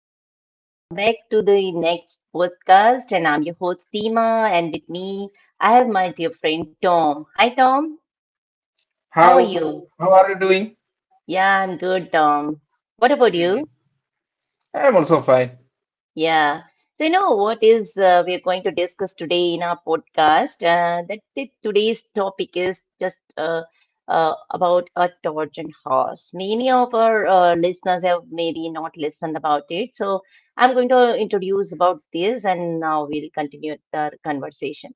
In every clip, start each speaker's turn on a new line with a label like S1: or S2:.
S1: everyone. Welcome back to the next podcast. And I'm your host, Seema. And with me, I have my dear friend, Tom. Hi, Tom. How are
S2: How
S1: you?
S2: how are you doing?
S1: Yeah, I'm good, Tom. What about you?
S2: hmm I'm also fine.
S1: Yeah. So, you know, what is we are going to discuss today in our podcast? Today's topic is just about a Trojan horse. Many of our listeners have maybe not listened about it. So, I'm going to introduce about this and now we'll continue the conversation.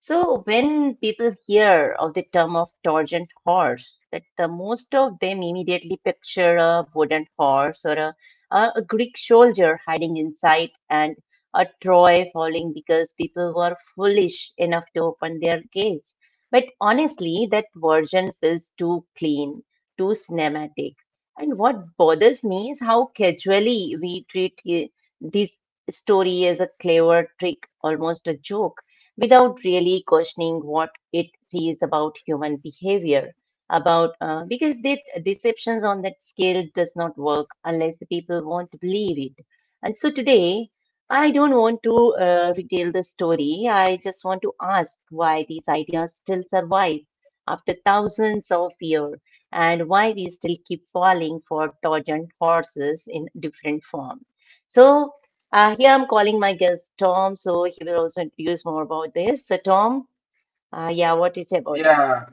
S1: So when people hear of the term of torgent horse, that the most of them immediately picture a wooden horse or a Greek soldier hiding inside and a Troy falling because people were foolish enough to open their gates. But honestly, that version feels too clean, too cinematic. And what bothers me is how casually we treat this story as a clever trick, almost a joke, without really questioning what it sees about human behavior, about because that deceptions on that scale does not work unless the people want to believe it. And so today, I don't want to retell the story. I just want to ask why these ideas still survive after thousands of years, and why we still keep falling for trojan horses in different form. So here I'm calling my guest Tom, so he will also introduce more about this. So Tom, yeah, what is about it?
S2: Yeah,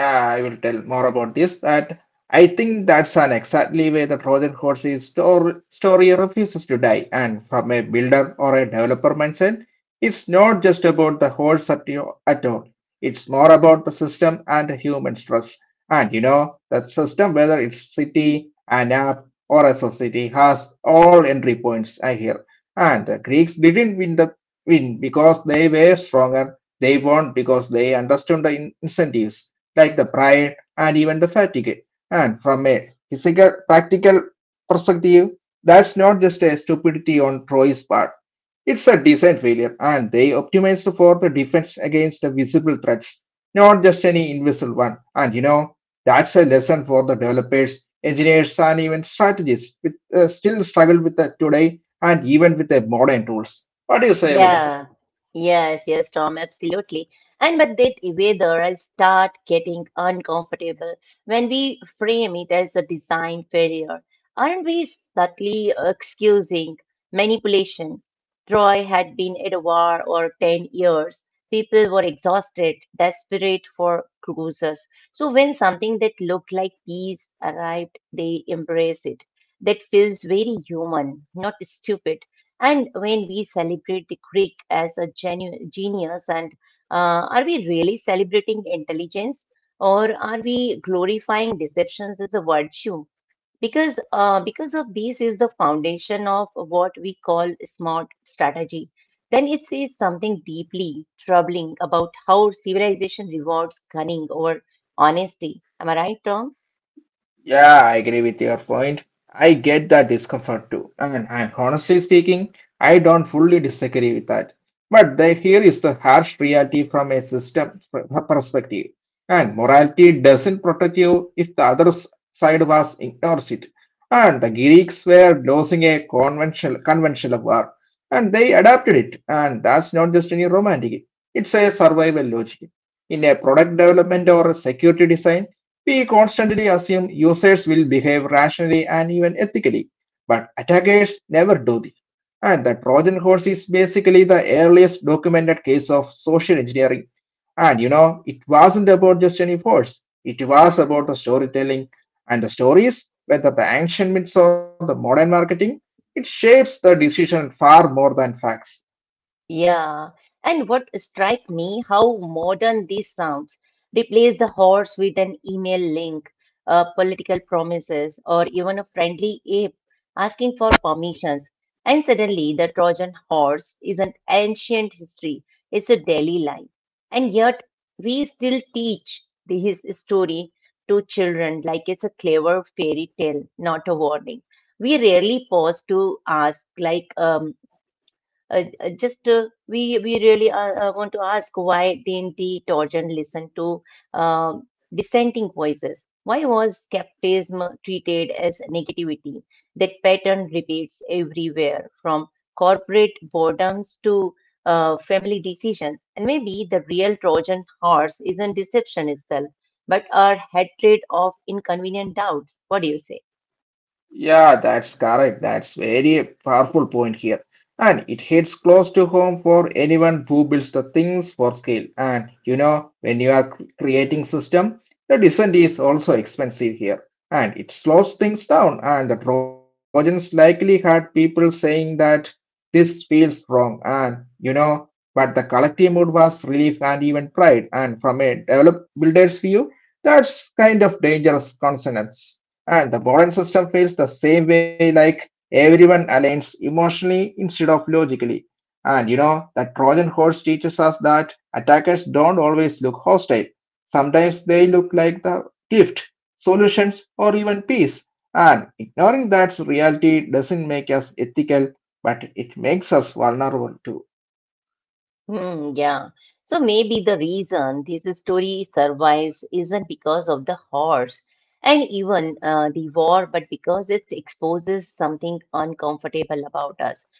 S2: I will tell more about this. That I think that's an exactly way the Trojan horse's story refuses to die. And from a builder or a developer mindset, it's not just about the horse at, your, at all. It's more about the system and the human trust. And you know, that system, whether it's city, an app, or a society, has all entry points. I hear. And the Greeks didn't win because they were stronger. They won because they understood the incentives like the pride and even the fatigue. And from a physical, practical perspective, that's not just a stupidity on Troy's part. It's a design failure, and they optimized for the defense against the visible threats, not just any invisible one. And you know, that's a lesson for the developers, engineers, and even strategists with still struggle with that today, and even with the modern tools. What do you say about it?
S1: Yeah, yes, yes, Tom, absolutely. And but that weather start getting uncomfortable when we frame it as a design failure. Aren't we subtly excusing manipulation? Troy had been at war for 10 years. People were exhausted, desperate for cruises. So when something that looked like peace arrived, they embrace it. That feels very human, not stupid. And when we celebrate the Greek as a genius, and are we really celebrating intelligence, or are we glorifying deceptions as a virtue? Because of these is the foundation of what we call smart strategy. Then it says something deeply troubling about how civilization rewards cunning over honesty. Am I right, Tom?
S2: Yeah, I agree with your point. I get that discomfort too. And honestly speaking, I don't fully disagree with that. But the, here is the harsh reality from a system perspective. And morality doesn't protect you if the other side was ignores it. And the Greeks were losing a conventional war, and they adapted it. And that's not just any romantic; it's a survival logic in a product development or a security design. We constantly assume users will behave rationally and even ethically, but attackers never do. This. And the Trojan horse is basically the earliest documented case of social engineering. And you know, it wasn't about just any force, it was about the storytelling and the stories, whether the ancient myths or the modern marketing, it shapes the decision far more than facts.
S1: Yeah, and what strike me how modern these sounds. Replace the horse with an email link, political promises, or even a friendly ape asking for permissions. And suddenly, the Trojan horse is an ancient history. It's a daily life, and yet we still teach his story to children like it's a clever fairy tale, not a warning. We rarely pause to ask, like, just we really want to ask, why didn't the Torjan listen to uh, dissenting voices? Why was skepticism treated as negativity? That pattern repeats everywhere, from corporate boredoms to family decisions. And maybe the real Trojan horse isn't deception itself, but our hatred of inconvenient doubts. What do you say?
S2: Yeah, that's correct. That's very powerful point here. And it hits close to home for anyone who builds the things for scale. And you know, when you are creating system, the descent is also expensive here. And it slows things down. And the Trojans likely had people saying that this feels wrong. And you know, but the collective mood was relief and even pride. And from a developed builder's view, that's kind of dangerous consonance. And the Boran system feels the same way like everyone aligns emotionally instead of logically. And you know, that Trojan horse teaches us that attackers don't always look hostile. Sometimes they look like the gift, solutions, or even peace. And ignoring that reality doesn't make us ethical, but it makes us vulnerable too.
S1: Hmm, yeah. So maybe the reason this story survives isn't because of the horse and even the war, but because it exposes something uncomfortable about us.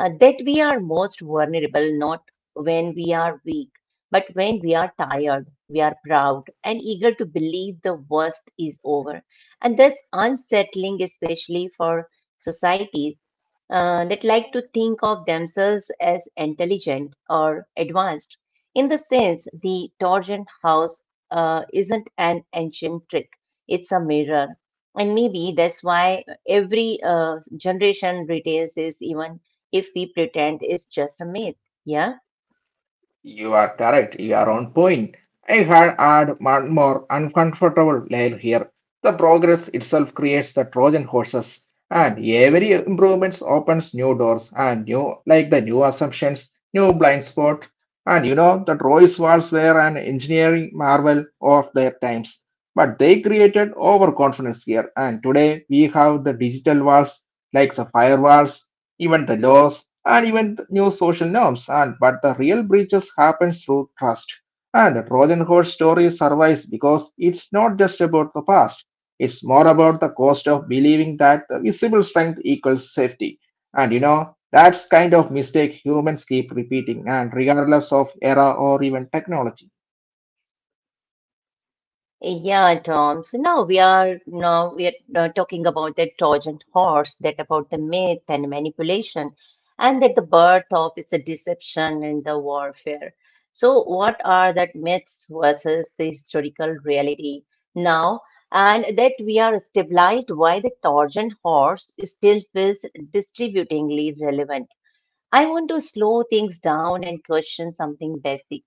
S1: That we are most vulnerable not when we are weak, but when we are tired, we are proud and eager to believe the worst is over. And that's unsettling, especially for societies that like to think of themselves as intelligent or advanced. In the sense, the Torsion house isn't an ancient trick, it's a mirror. And maybe that's why every generation retains this, even if we pretend it's just a myth. Yeah.
S2: You are correct. You are on point. I had add one more uncomfortable layer here. The progress itself creates the Trojan horses, and every improvements opens new doors and new like the new assumptions, new blind spot. And you know the Royce walls were an engineering marvel of their times, but they created overconfidence here. And today we have the digital walls like the firewalls, even the laws and even the new social norms, and but the real breaches happens through trust, and the trojan horse story survives because it's not just about the past, it's more about the cost of believing that the visible strength equals safety. And you know, that's kind of mistake humans keep repeating, and regardless of era or even technology.
S1: Eh, yeah, Tom. So now we are talking about the Trojan horse, that about the myth and manipulation, and that the birth of is a deception in the warfare. So what are that myths versus the historical reality now? And that we are stabilized why the Trojan horse still feels distributingly relevant. I want to slow things down and question something basic.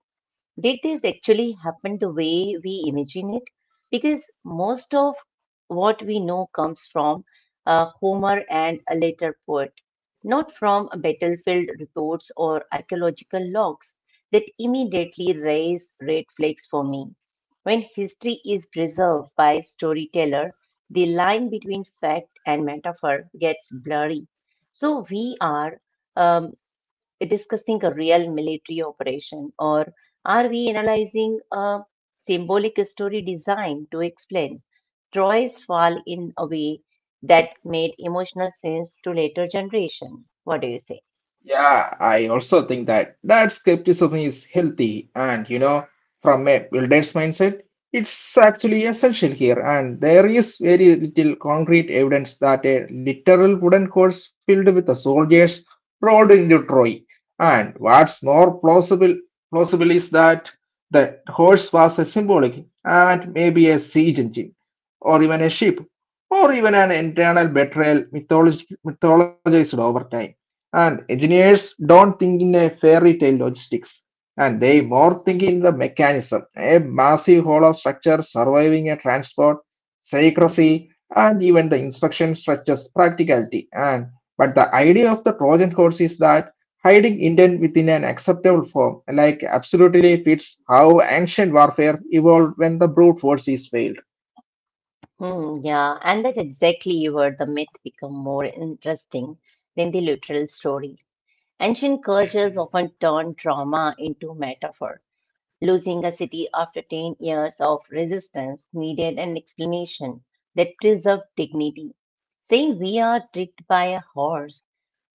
S1: Did this actually happen the way we imagine it? Because most of what we know comes from Homer and a later poet, not from battlefield reports or archaeological logs. That immediately raise red flags for me. When history is preserved by storyteller, the line between fact and metaphor gets blurry. So we are um, discussing a real military operation, or are we analyzing a symbolic story designed to explain Troy's fall in a way that made emotional sense to later generation? What do you say?
S2: Yeah, I also think that that skepticism is healthy. And you know, from a builder's mindset, it's actually essential here, and there is very little concrete evidence that a literal wooden horse filled with the soldiers rolled into Troy. And what's more plausible plausible is that the horse was a symbolic, and maybe a siege engine or even a ship or even an internal betrayal mythologized over time. And engineers don't think in a fairy tale logistics, and they more think in the mechanism, a massive hollow structure surviving a transport, secrecy, and even the instruction structures practicality. And but the idea of the Trojan horse is that hiding intent within an acceptable form, like absolutely fits how ancient warfare evolved when the brute force is failed.
S1: Hmm, yeah, and that's exactly where the myth become more interesting than the literal story. Ancient cultures often turn trauma into metaphor. Losing a city after 10 years of resistance needed an explanation that preserved dignity. Saying we are tricked by a horse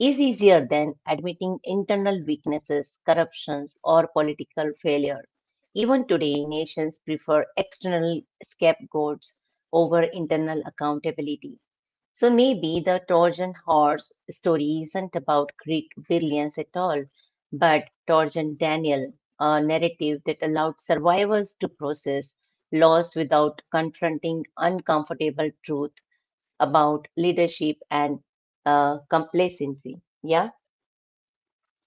S1: is easier than admitting internal weaknesses, corruptions, or political failure. Even today, nations prefer external scapegoats over internal accountability. So maybe the Trojan horse story isn't about Greek billions at all, but Trojan Daniel, a narrative that allowed survivors to process loss without confronting uncomfortable truth about leadership and complacency. Yeah.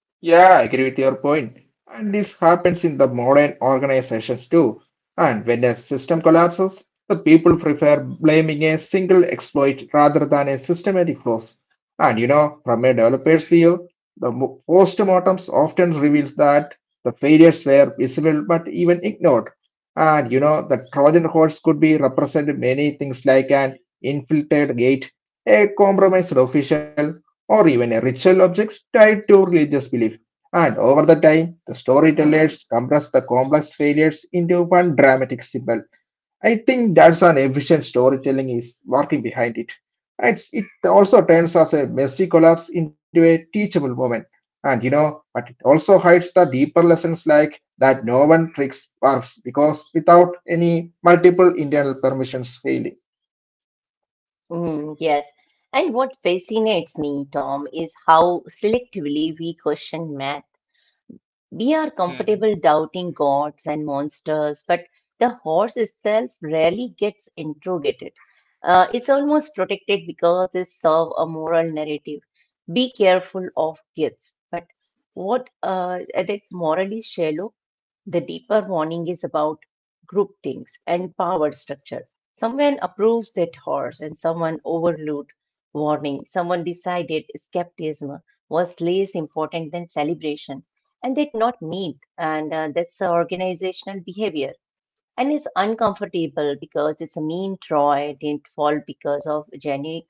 S2: Yeah, I agree with your point. And this happens in the modern organizations too. And when a system collapses, the people prefer blaming a single exploit rather than a systematic flaws. And you know, from a developer's view, the postmortems often reveals that the failures were visible but even ignored. And you know, the Trojan horse could be represented many things like an infiltrated gate, a compromised official, or even a ritual object tied to religious belief. And over the time, the storytellers compress the complex failures into one dramatic symbol. I think that's an efficient storytelling is working behind it. It's, it also turns as a messy collapse into a teachable moment. And you know, but it also hides the deeper lessons like that no one tricks works because without any multiple internal permissions failing.
S1: Mhm, yes. And what fascinates me, Tom, is how selectively we question math. We are comfortable doubting gods and monsters, but the horse itself rarely gets interrogated. It's almost protected because they serve a moral narrative. Be careful of kids. But what that moral is shallow. The deeper warning is about groupthink and power structure. Someone approves that horse and someone overlooked warning. Someone decided skepticism was less important than celebration and did not meet. And that's organizational behavior. And it's uncomfortable because it's a mean Troy didn't fall because of genic.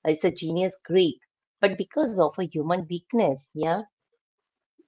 S1: It's a genius Greek, but because of a human weakness. Yeah.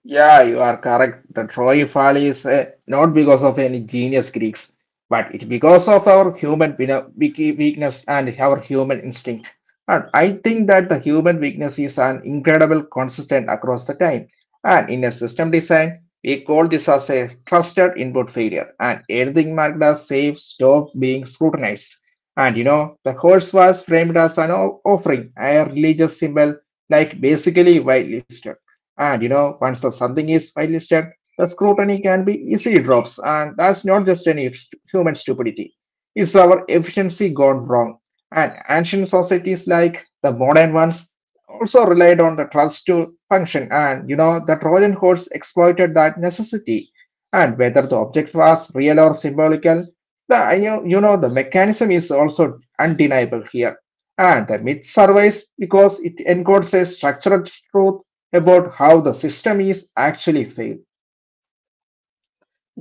S2: Yeah, you are correct. The Troy Fall is not because of any genius Greeks, but it's because of our human weakness and our human instinct. And I think that the human weakness is an incredible consistent across the time. And in a system design, we call this as a trusted input failure. And anything marked as safe stopped being scrutinized. And you know, the horse was framed as an offering, a religious symbol, like basically whitelisted. And you know, once the something is whitelisted, the scrutiny can be easily drops, and that's not just any human stupidity. It's our efficiency gone wrong. And ancient societies like the modern ones also relied on the trust to function, and you know, the Trojan horse exploited that necessity. And whether the object was real or symbolical, the you know the mechanism is also undeniable here. And the myth survives because it encodes a structured truth about how the system is actually failed.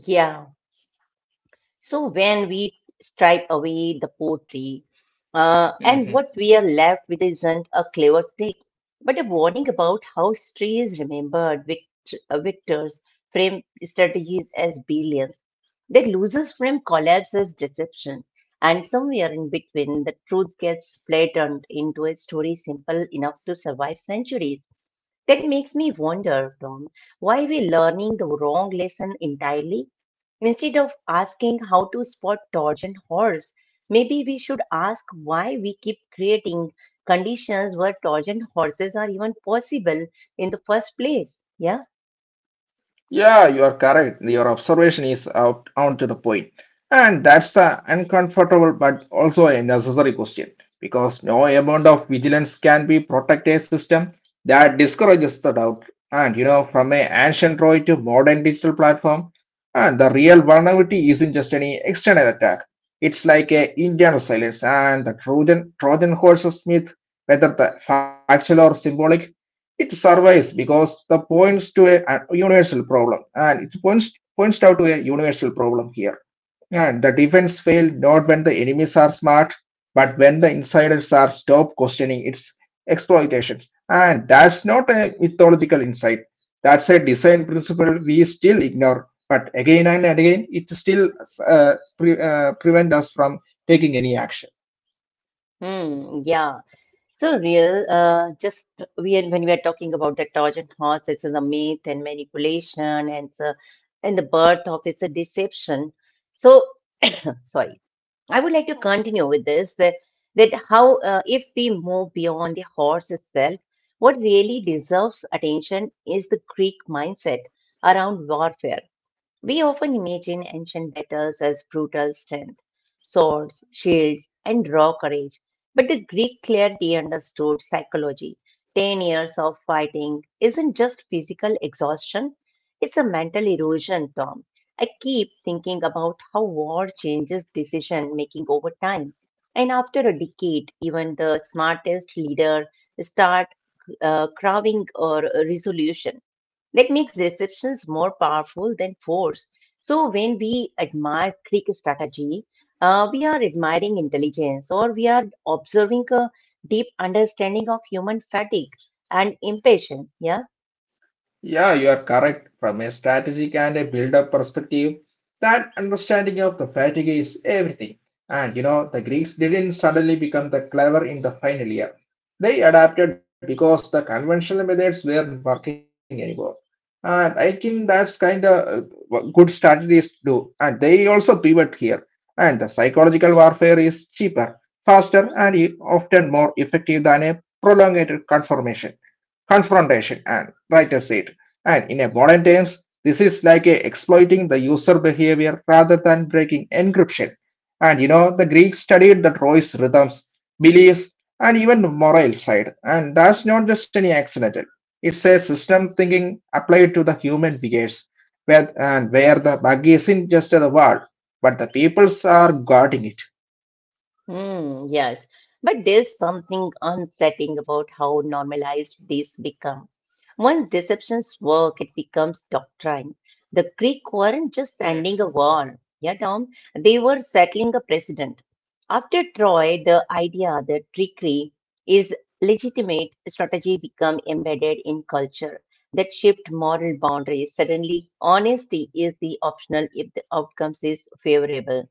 S1: Yeah. So when we stripe away the poetry, uh, and what we are left with isn't a clever trick, but a warning about how history is remembered. Victors frame strategies as billions. Their losers frame collapse as deception. And somewhere in between, the truth gets flattened into a story simple enough to survive centuries. That makes me wonder, Tom, why we're learning the wrong lesson entirely. Instead of asking how to spot torsion horse, maybe we should ask why we keep creating conditions where torsion horses are even possible in the first place. Yeah.
S2: Yeah, you are correct. Your observation is out on to the point. And that's the uncomfortable but also a necessary question, because no amount of vigilance can be protect a system that discourages the doubt. And you know, from an ancient Troy to modern digital platform, and the real vulnerability isn't just any external attack. It's like a internal silence, and the Trojan horse myth, whether the factual or symbolic, It survives because the points to a universal problem, and it points out to a universal problem here. And the defense failed not when the enemies are smart, but when the insiders are stop questioning its exploitations. And that's not a mythological insight. That's a design principle we still ignore. But again and again, it still prevent us from taking any action.
S1: Hmm. Yeah. So real. Just when we are talking about the Trojan horse, it's a myth and manipulation, and the birth of it's a deception. So sorry. I would like to continue with this that how, if we move beyond the horse itself, what really deserves attention is the Greek mindset around warfare. We often imagine ancient battles as brutal strength, swords, shields, and raw courage. But the Greek clearly understood psychology. 10 years of fighting isn't just physical exhaustion, it's a mental erosion, Tom. I keep thinking about how war changes decision making over time. And after a decade, even the smartest leader start craving a resolution. That makes deceptions more powerful than force. So when we admire Greek strategy, we are admiring intelligence or we are observing a deep understanding of human fatigue and impatience. Yeah.
S2: Yeah, you are correct. From a strategic and a build-up perspective, that understanding of the fatigue is everything. And you know, the Greeks didn't suddenly become the clever in the final year. They adapted because the conventional methods weren't working anymore. And I think that's kind of what good strategies do. And they also pivot here. And the psychological warfare is cheaper, faster, and often more effective than a prolonged confirmation confrontation and writer's seat. And in a modern terms, this is like a exploiting the user behavior rather than breaking encryption. And you know, the Greeks studied the Troy's rhythms, beliefs, and even moral side. And that's not just any accidental. It's a system thinking applied to the human behaviors, where and where the bug isn't just the world, but the peoples are guarding it.
S1: Hmm, yes. But there's something unsettling about how normalized these become. Once deceptions work, it becomes doctrine. The Greek weren't just ending a war, yeah, Tom. They were settling a precedent. After Troy, the idea that trickery is legitimate strategy become embedded in culture that shift moral boundaries. Suddenly, honesty is the optional if the outcomes is favorable.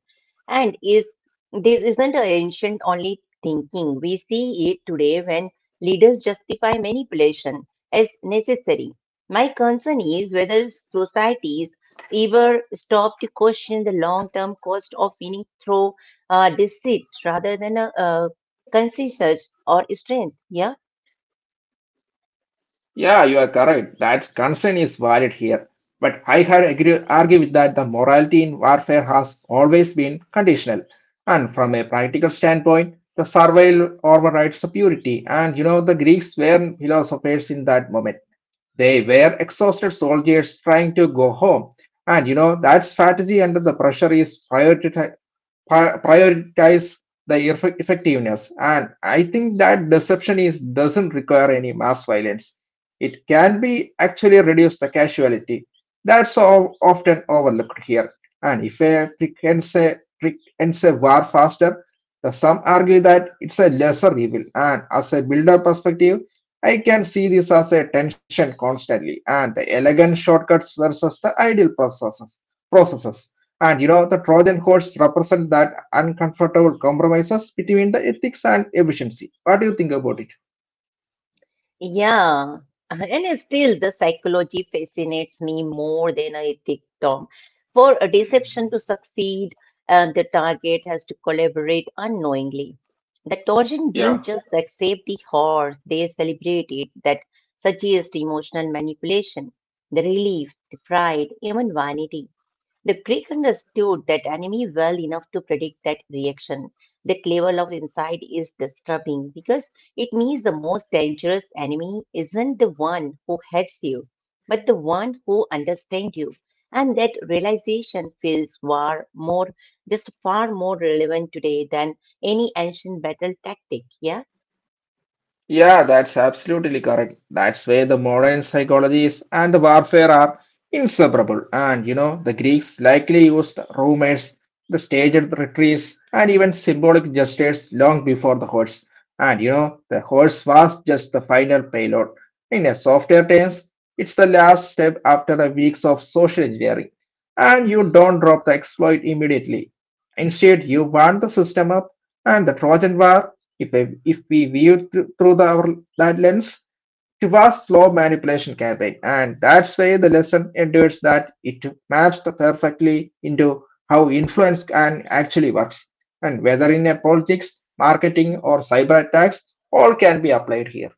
S1: And is This isn't an ancient only thinking. We see it today when leaders justify manipulation as necessary. My concern is whether societies ever stop to question the long term cost of winning through deceit rather than consciousness or strength. Yeah.
S2: Yeah, you are correct. That concern is valid here. But I had agree, argue with that the morality in warfare has always been conditional. And from a practical standpoint, the survival overrides the purity. And you know, the Greeks were philosophers in that moment. They were exhausted soldiers trying to go home. And you know, that strategy under the pressure is priority, prioritize the effectiveness. And I think that deception is doesn't require any mass violence, it can be actually reduce the casualty. That's all often overlooked here. And if a trick ends a trick ends a war faster, the some argue that it's a lesser evil. And as a builder perspective, I can see this as a tension constantly, and the elegant shortcuts versus the ideal processes. And you know, the Trojan horse represent that uncomfortable compromises between the ethics and efficiency. What do you think about it?
S1: Yeah, and still the psychology fascinates me more than I think, Tom. For a deception to succeed, the target has to collaborate unknowingly. The Trojan didn't just like save the horse, they celebrated. That suggests emotional manipulation, the relief, the pride, even vanity. The Greek understood that enemy well enough to predict that reaction. That level of insight is disturbing because it means the most dangerous enemy isn't the one who hates you, but the one who understands you. And that realization feels far more relevant today than any ancient battle tactic. Yeah.
S2: Yeah, that's absolutely correct. That's where the modern psychologies and warfare are inseparable. And you know, the Greeks likely used rumors, the staged retreats, and even symbolic gestures long before the horse. And you know, the horse was just the final payload. In a softer terms, it's the last step after a weeks of social engineering. And you don't drop the exploit immediately. Instead, you warm the system up, and the Trojan war, if we viewed through that lens, it was slow manipulation campaign, and that's why the lesson endures that it maps the perfectly into how influence can actually works, and whether in a politics, marketing, or cyber attacks, all can be applied here.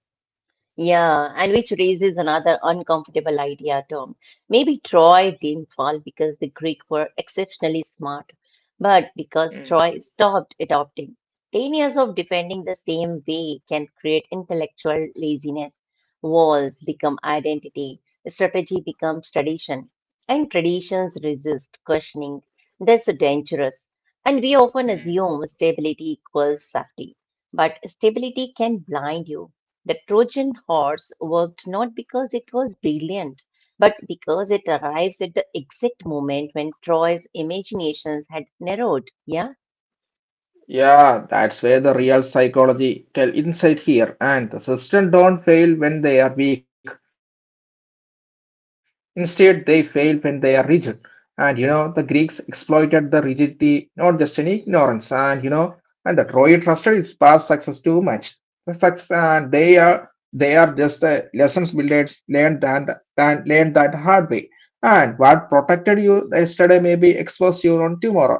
S1: Yeah, and which raises another uncomfortable idea, Tom. Maybe Troy didn't fall because the Greek were exceptionally smart, but because Troy stopped adopting. 10 years of defending the same way can create intellectual laziness. Walls become identity, strategy becomes tradition, and traditions resist questioning. That's dangerous. And we often assume stability equals safety, but stability can blind you. The Trojan horse worked not because it was brilliant, but because it arrives at the exact moment when Troy's imaginations had narrowed. Yeah.
S2: Yeah, that's where the real psychological insight here. And the substance don't fail when they are weak. Instead, they fail when they are rigid. And you know, the Greeks exploited the rigidity, not just any ignorance. And you know, and the Troy trusted its past success too much. The success, and they are just the lessons we learned and learned that hard way. And what protected you yesterday may be expose you on tomorrow. It's a fact.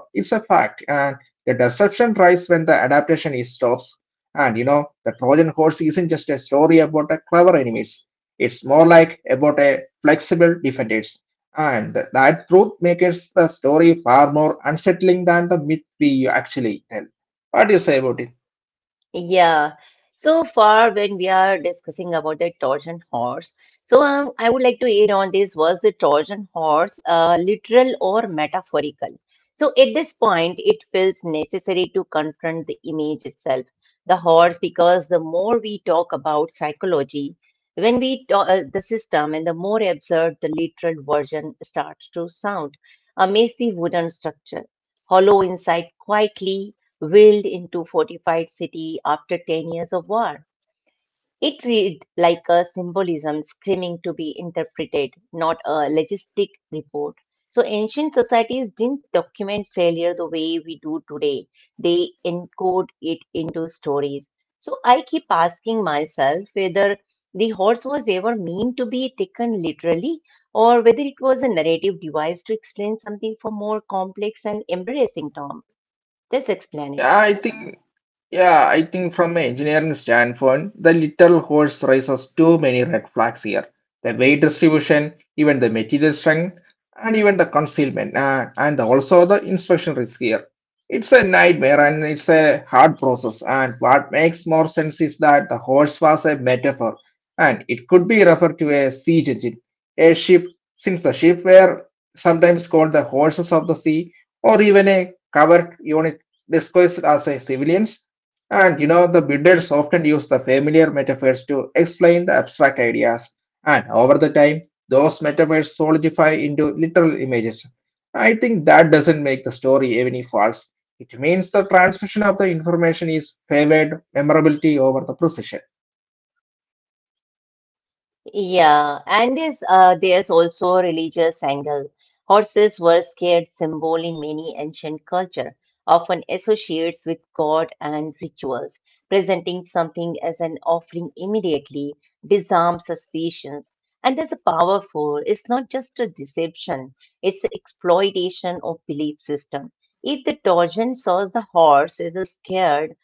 S2: The deception thrives when the adaptation is stops. And you know, the Trojan horse isn't just a story about a clever enemies. It's more like about a flexible defenders. And that truth makes the story far more unsettling than the myth we actually tell. What do you say about it?
S1: Yeah. So far, when we are discussing about the Trojan horse, so I would like to add on this, was the Trojan horse literal or metaphorical? So at this point, it feels necessary to confront the image itself, the horse, because the more we talk about psychology, when we talk the system, and the more absurd the literal version starts to sound. A massive wooden structure, hollow inside quietly wheeled into fortified city after 10 years of war. It read like a symbolism screaming to be interpreted, not a logistic report. So ancient societies didn't document failure the way we do today. They encode it into stories. So I keep asking myself whether the horse was ever meant to be taken literally or whether it was a narrative device to explain something for more complex and embarrassing term. Let's explain it.
S2: Yeah, I think Yeah, I think from an engineering standpoint, the little horse raises too many red flags here. The weight distribution, even the material strength, and even the concealment, and also the inspection risk here. It's a nightmare and it's a hard process. And what makes more sense is that the horse was a metaphor, and it could be referred to a siege engine, a ship, since the ship were sometimes called the horses of the sea, or even a covered unit disguised as a civilians. And you know, the builders often use the familiar metaphors to explain the abstract ideas, and over the time, those metaphors solidify into literal images. I think that doesn't make the story any false. It means the transmission of the information is favored memorability over the precision.
S1: Yeah, and there's also a religious angle. Horses were scared symbol in many ancient culture, often associates with God and rituals. Presenting something as an offering immediately disarms suspicions, and there's a powerful. It's not just a deception; it's a exploitation of belief system. If the Trojan saw the horse as a scared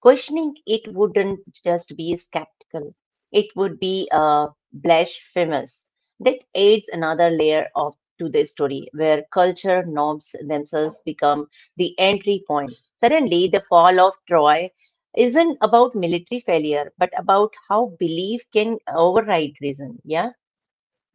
S1: questioning it wouldn't just be skeptical, it would be blasphemous. That adds another layer of to the story where culture norms themselves become the entry point. Suddenly, the fall of Troy isn't about military failure, but about how belief can override reason. Yeah.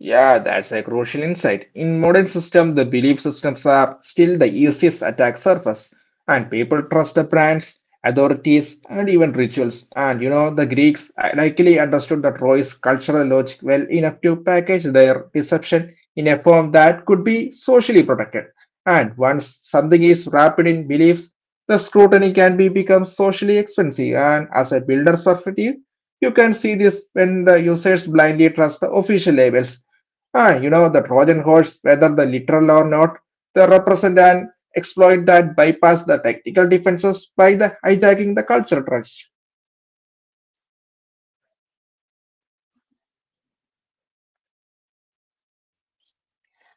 S2: Yeah, that's a crucial insight. In modern systems, the belief systems are still the easiest attack surface, and people trust the brands, authorities, and even rituals. And you know, the Greeks likely understood the Troy's cultural logic well enough to package their deception in a form that could be socially protected. And once something is wrapped in beliefs, the scrutiny can be become socially expensive. And as a builder's perspective, you can see this when the users blindly trust the official labels. Ah, you know, the Trojan horse, whether the literal or not, they represent and exploit that bypass the technical defenses by the hijacking the cultural trust.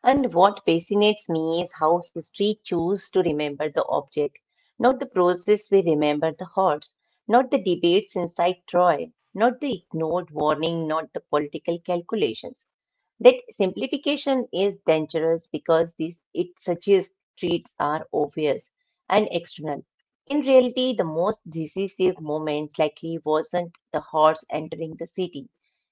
S1: And what fascinates me is how history chooses to remember the object, not the process we remember the horse, not the debates inside Troy, not the ignored warning, not the political calculations. That simplification is dangerous because this it suggests treats are obvious and external. In reality, the most decisive moment likely wasn't the horse entering the city.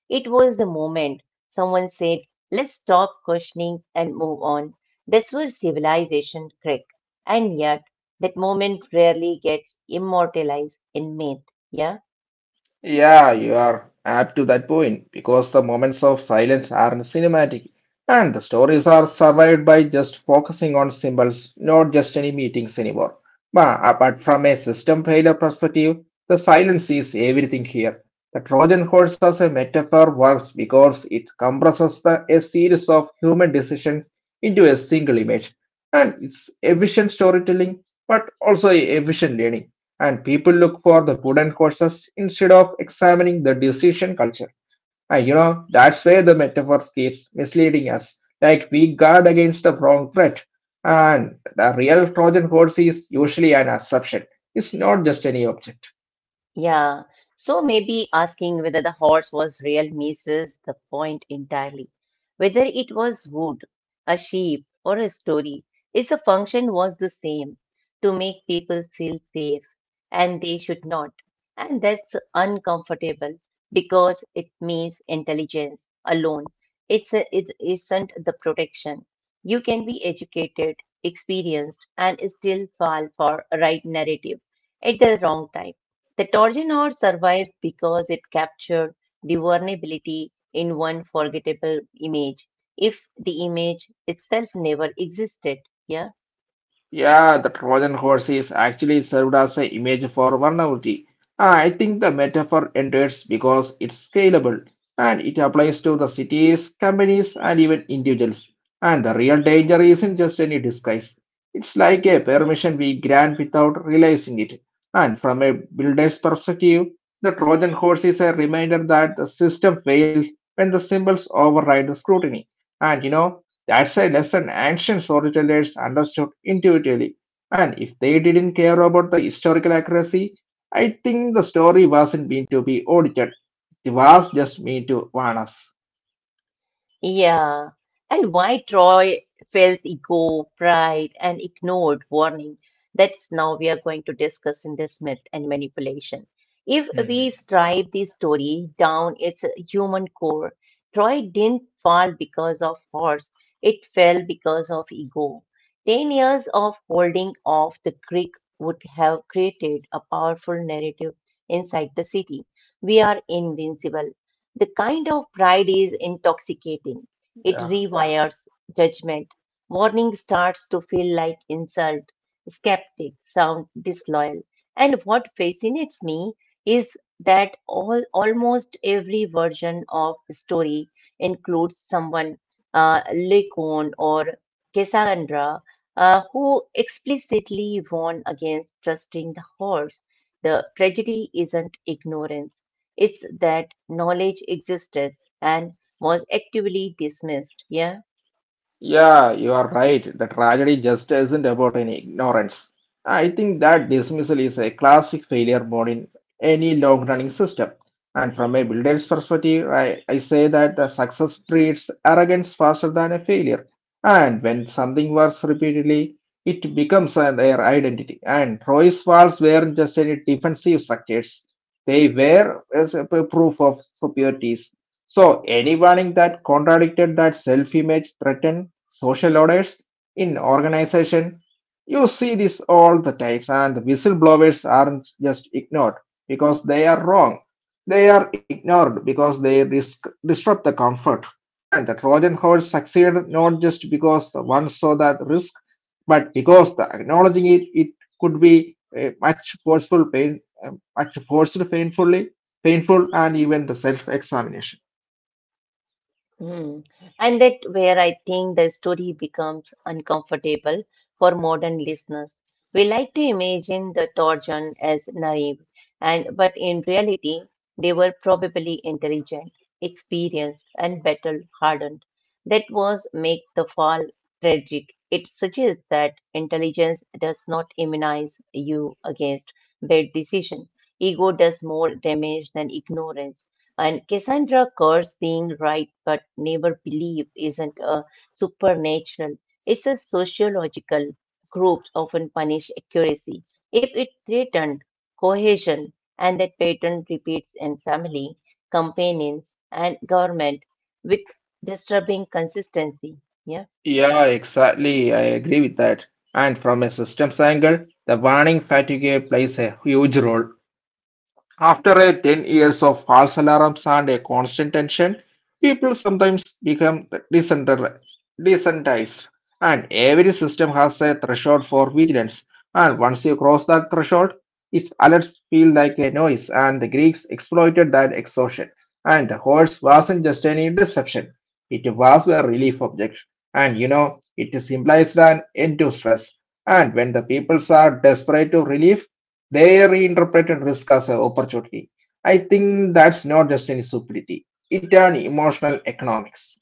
S1: It was the moment someone said, let's stop questioning and move on. That's where civilization cracked. And yet, that moment rarely gets immortalized in myth. Yeah.
S2: Yeah, you are apt to that point because the moments of silence are cinematic and the stories are survived by just focusing on symbols, not just any meetings anymore. But apart from a system failure perspective, the silence is everything here. The Trojan horse as a metaphor works because it compresses a series of human decisions into a single image. And it's efficient storytelling, but also efficient learning and people look for the wooden horses instead of examining the decision culture. And you know, that's where the metaphor keeps misleading us. Like we guard against the wrong threat. And the real Trojan horse is usually an assumption. It's not just any object.
S1: Yeah, so maybe asking whether the horse was real misses the point entirely. Whether it was wood, a sheep, or a story, its function was the same to make people feel safe, and they should not. And that's uncomfortable because it means intelligence alone. It isn't the protection. You can be educated, experienced, and still fall for a right narrative at the wrong time. The Torginor survived because it captured the vulnerability in one forgettable image, if the image itself never existed. Yeah.
S2: Yeah, the Trojan horse is actually served as an image for vulnerability. Ah, I think the metaphor endures because it's scalable and it applies to the cities, companies, and even individuals. And the real danger isn't just any disguise. It's like a permission we grant without realizing it. And from a builder's perspective, the Trojan horse is a reminder that the system fails when the symbols override the scrutiny. And you know, that's a lesson ancient storytellers understood intuitively. And if they didn't care about the historical accuracy, I think the story wasn't meant to be audited. It was just meant to warn us.
S1: Yeah. And why Troy felt ego, pride, and ignored warning. That's now we are going to discuss in this myth and manipulation. If we strive the story down its human core, Troy didn't fall because of horse, it fell because of ego. 10 years of holding off the creek would have created a powerful narrative inside the city. We are invincible. The kind of pride is intoxicating. It rewires judgment. Warning starts to feel like insult. Skeptics sound disloyal. And what fascinates me is that all almost every version of story includes someone, Lycon or Cassandra, who explicitly warn against trusting the horse. The tragedy isn't ignorance. It's that knowledge existed and was actively dismissed. Yeah.
S2: Yeah, you are right. The tragedy just isn't about any ignorance. I think that dismissal is a classic failure mode in any long running system. And from a builder's perspective, I say that the success breeds arrogance faster than a failure. And when something works repeatedly, it becomes an, their identity. And Roy's walls weren't just any defensive structures, they were as a proof of superiority. So, any warning that contradicted that self image threatened social orders in organization. You see this all the times, and the whistleblowers aren't just ignored because they are wrong. They are ignored because they risk, disrupt the comfort. And the Trojan horse succeeded not just because the one saw that risk, but because the acknowledging it could be a much forceful pain, a much forced painfully, painful, and even the self-examination.
S1: Mm. And that where I think the story becomes uncomfortable for modern listeners. We like to imagine the Trojan as naive, and but in reality, they were probably intelligent, experienced, and battle hardened. That was make the fall tragic. It suggests that intelligence does not immunize you against bad decision. Ego does more damage than ignorance. And Cassandra curse being right but never believe isn't a supernatural. It's a sociological groups often punish accuracy if it threatened cohesion and that pattern repeats in family, companions and government with disturbing consistency. Yeah?
S2: Yeah, exactly. I agree with that. And from a systems angle, the warning fatigue plays a huge role. After a 10 years of false alarms and a constant tension, people sometimes become desensitized, desensitized, and every system has a threshold for vigilance. And once you cross that threshold, its alerts feel like a noise, and the Greeks exploited that exhaustion. And the horse wasn't just any deception, it was a relief object. And you know, it implies an end to stress. And when the peoples are desperate to relief, they reinterpreted risk as an opportunity. I think that's not just any stupidity, it's an emotional economics.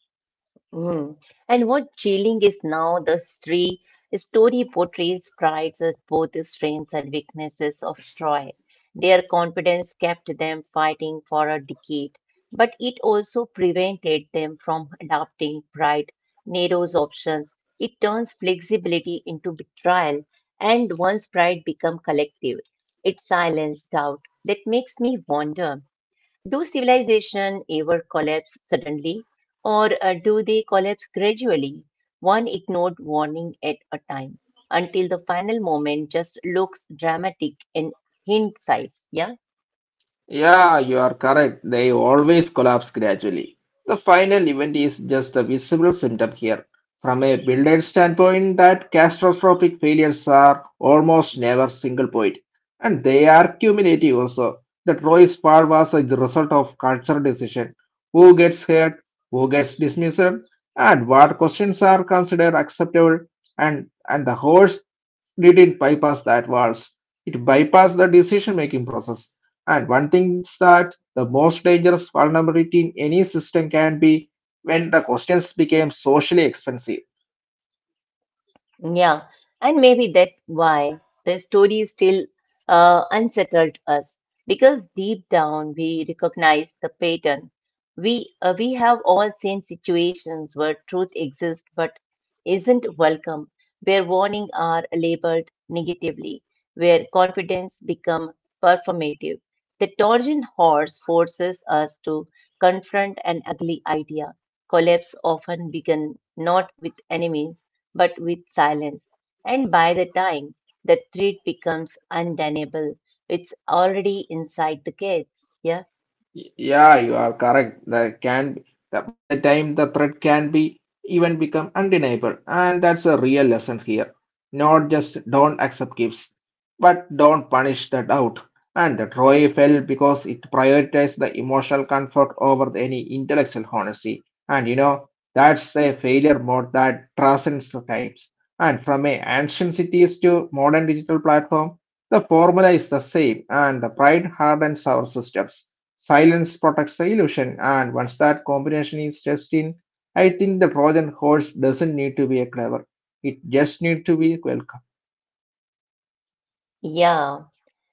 S1: Mm. And what Jailing is now, story portrays prides as both the strengths and weaknesses of Troy. Their confidence kept them fighting for a decade, but it also prevented them from adopting pride, narrows options. It turns flexibility into betrayal, and once pride becomes collective, it silenced doubt. That makes me wonder. Do civilization ever collapse suddenly, or do they collapse gradually, one ignored warning at a time, until the final moment just looks dramatic in hindsight? Yeah.
S2: Yeah, you are correct. They always collapse gradually. The final event is just a visible symptom here. From a builder standpoint, that catastrophic failures are almost never single point, and they are cumulative also. The Troy's fall was the result of cultural decision. Who gets hurt, who gets dismissed, and what questions are considered acceptable, and the whole didn't bypass that walls. It bypassed the decision making process. And one thing is that the most dangerous vulnerability in any system can be when the questions became socially expensive.
S1: Yeah, and maybe that's why the story still unsettled us because deep down we recognize the pattern. We have all seen situations where truth exists but isn't welcome, where warnings are labeled negatively, where confidence become performative. The Trojan horse forces us to confront an ugly idea. Collapse often begin not with enemies but with silence. And by the time the threat becomes undeniable, it's already inside the gates. Yeah.
S2: Y- Yeah, you are correct. There can be, the, by the time the threat can be even become undeniable, and that's a real lesson here. Not just don't accept gifts, but don't punish the doubt. And the Troy fell because it prioritized the emotional comfort over any intellectual honesty. And you know that's a failure mode that transcends the times. And from a ancient cities to modern digital platform, the formula is the same, and the pride hardens our systems. Silence protects the illusion, and once that combination is just in, I think the Trojan horse doesn't need to be a clever. It just needs to be welcome.
S1: Yeah,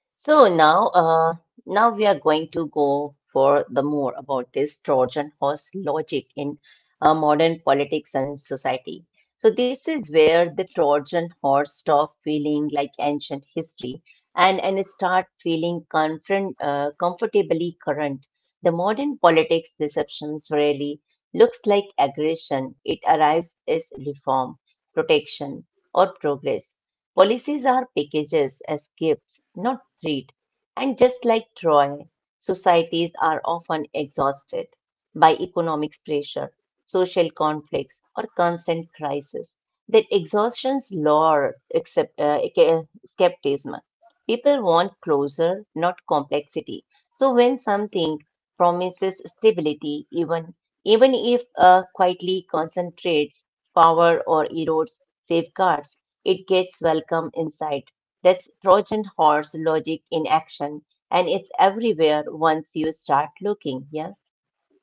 S1: so now, now we are going to go for the more about this Trojan horse logic in modern politics and society. So this is where the Trojan horse stop feeling like ancient history and it start feeling comfortably current. The modern politics deceptions really looks like aggression. It arrives as reform, protection, or progress. Policies are packages as gifts, not threat. And just like Troy, societies are often exhausted by economic pressure, social conflicts, or constant crisis. That exhaustions lure skepticism. People want closure, not complexity. So when something promises stability, even if quietly concentrates power or erodes safeguards, it gets welcome inside. That's Trojan horse logic in action, and it's everywhere once you start looking. Yeah,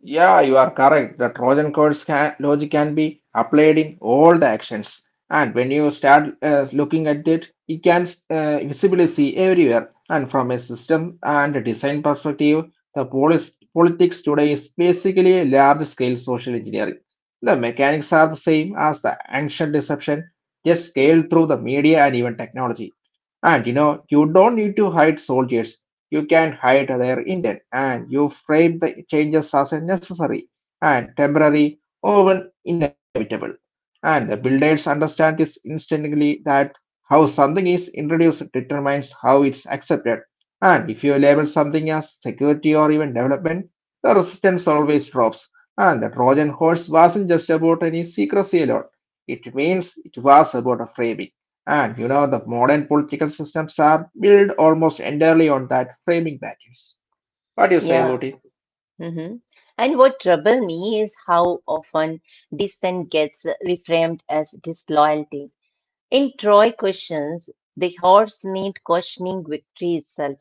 S2: Yeah, you are correct. The Trojan horse can, logic can be applied in all the actions. And when you start looking at it, you can visibly see everywhere. And from a system and design perspective, the politics today is basically a large scale social engineering. The mechanics are the same as the ancient deception, just scaled through the media and even technology. And you know, you don't need to hide soldiers. You can hide their intent and you frame the changes as necessary and temporary or even inevitable. And the builders understand this instantly that how something is introduced determines how it's accepted. And if you label something as security or even development, the resistance always drops. And the Trojan horse wasn't just about any secrecy alone. It means it was about a framing. And you know, the modern political systems are built almost entirely on that framing battles. What do you say
S1: yeah.
S2: about it?
S1: Hmm. And what troubles me is how often dissent gets reframed as disloyalty. In Troy questions, the horse meant questioning victory itself.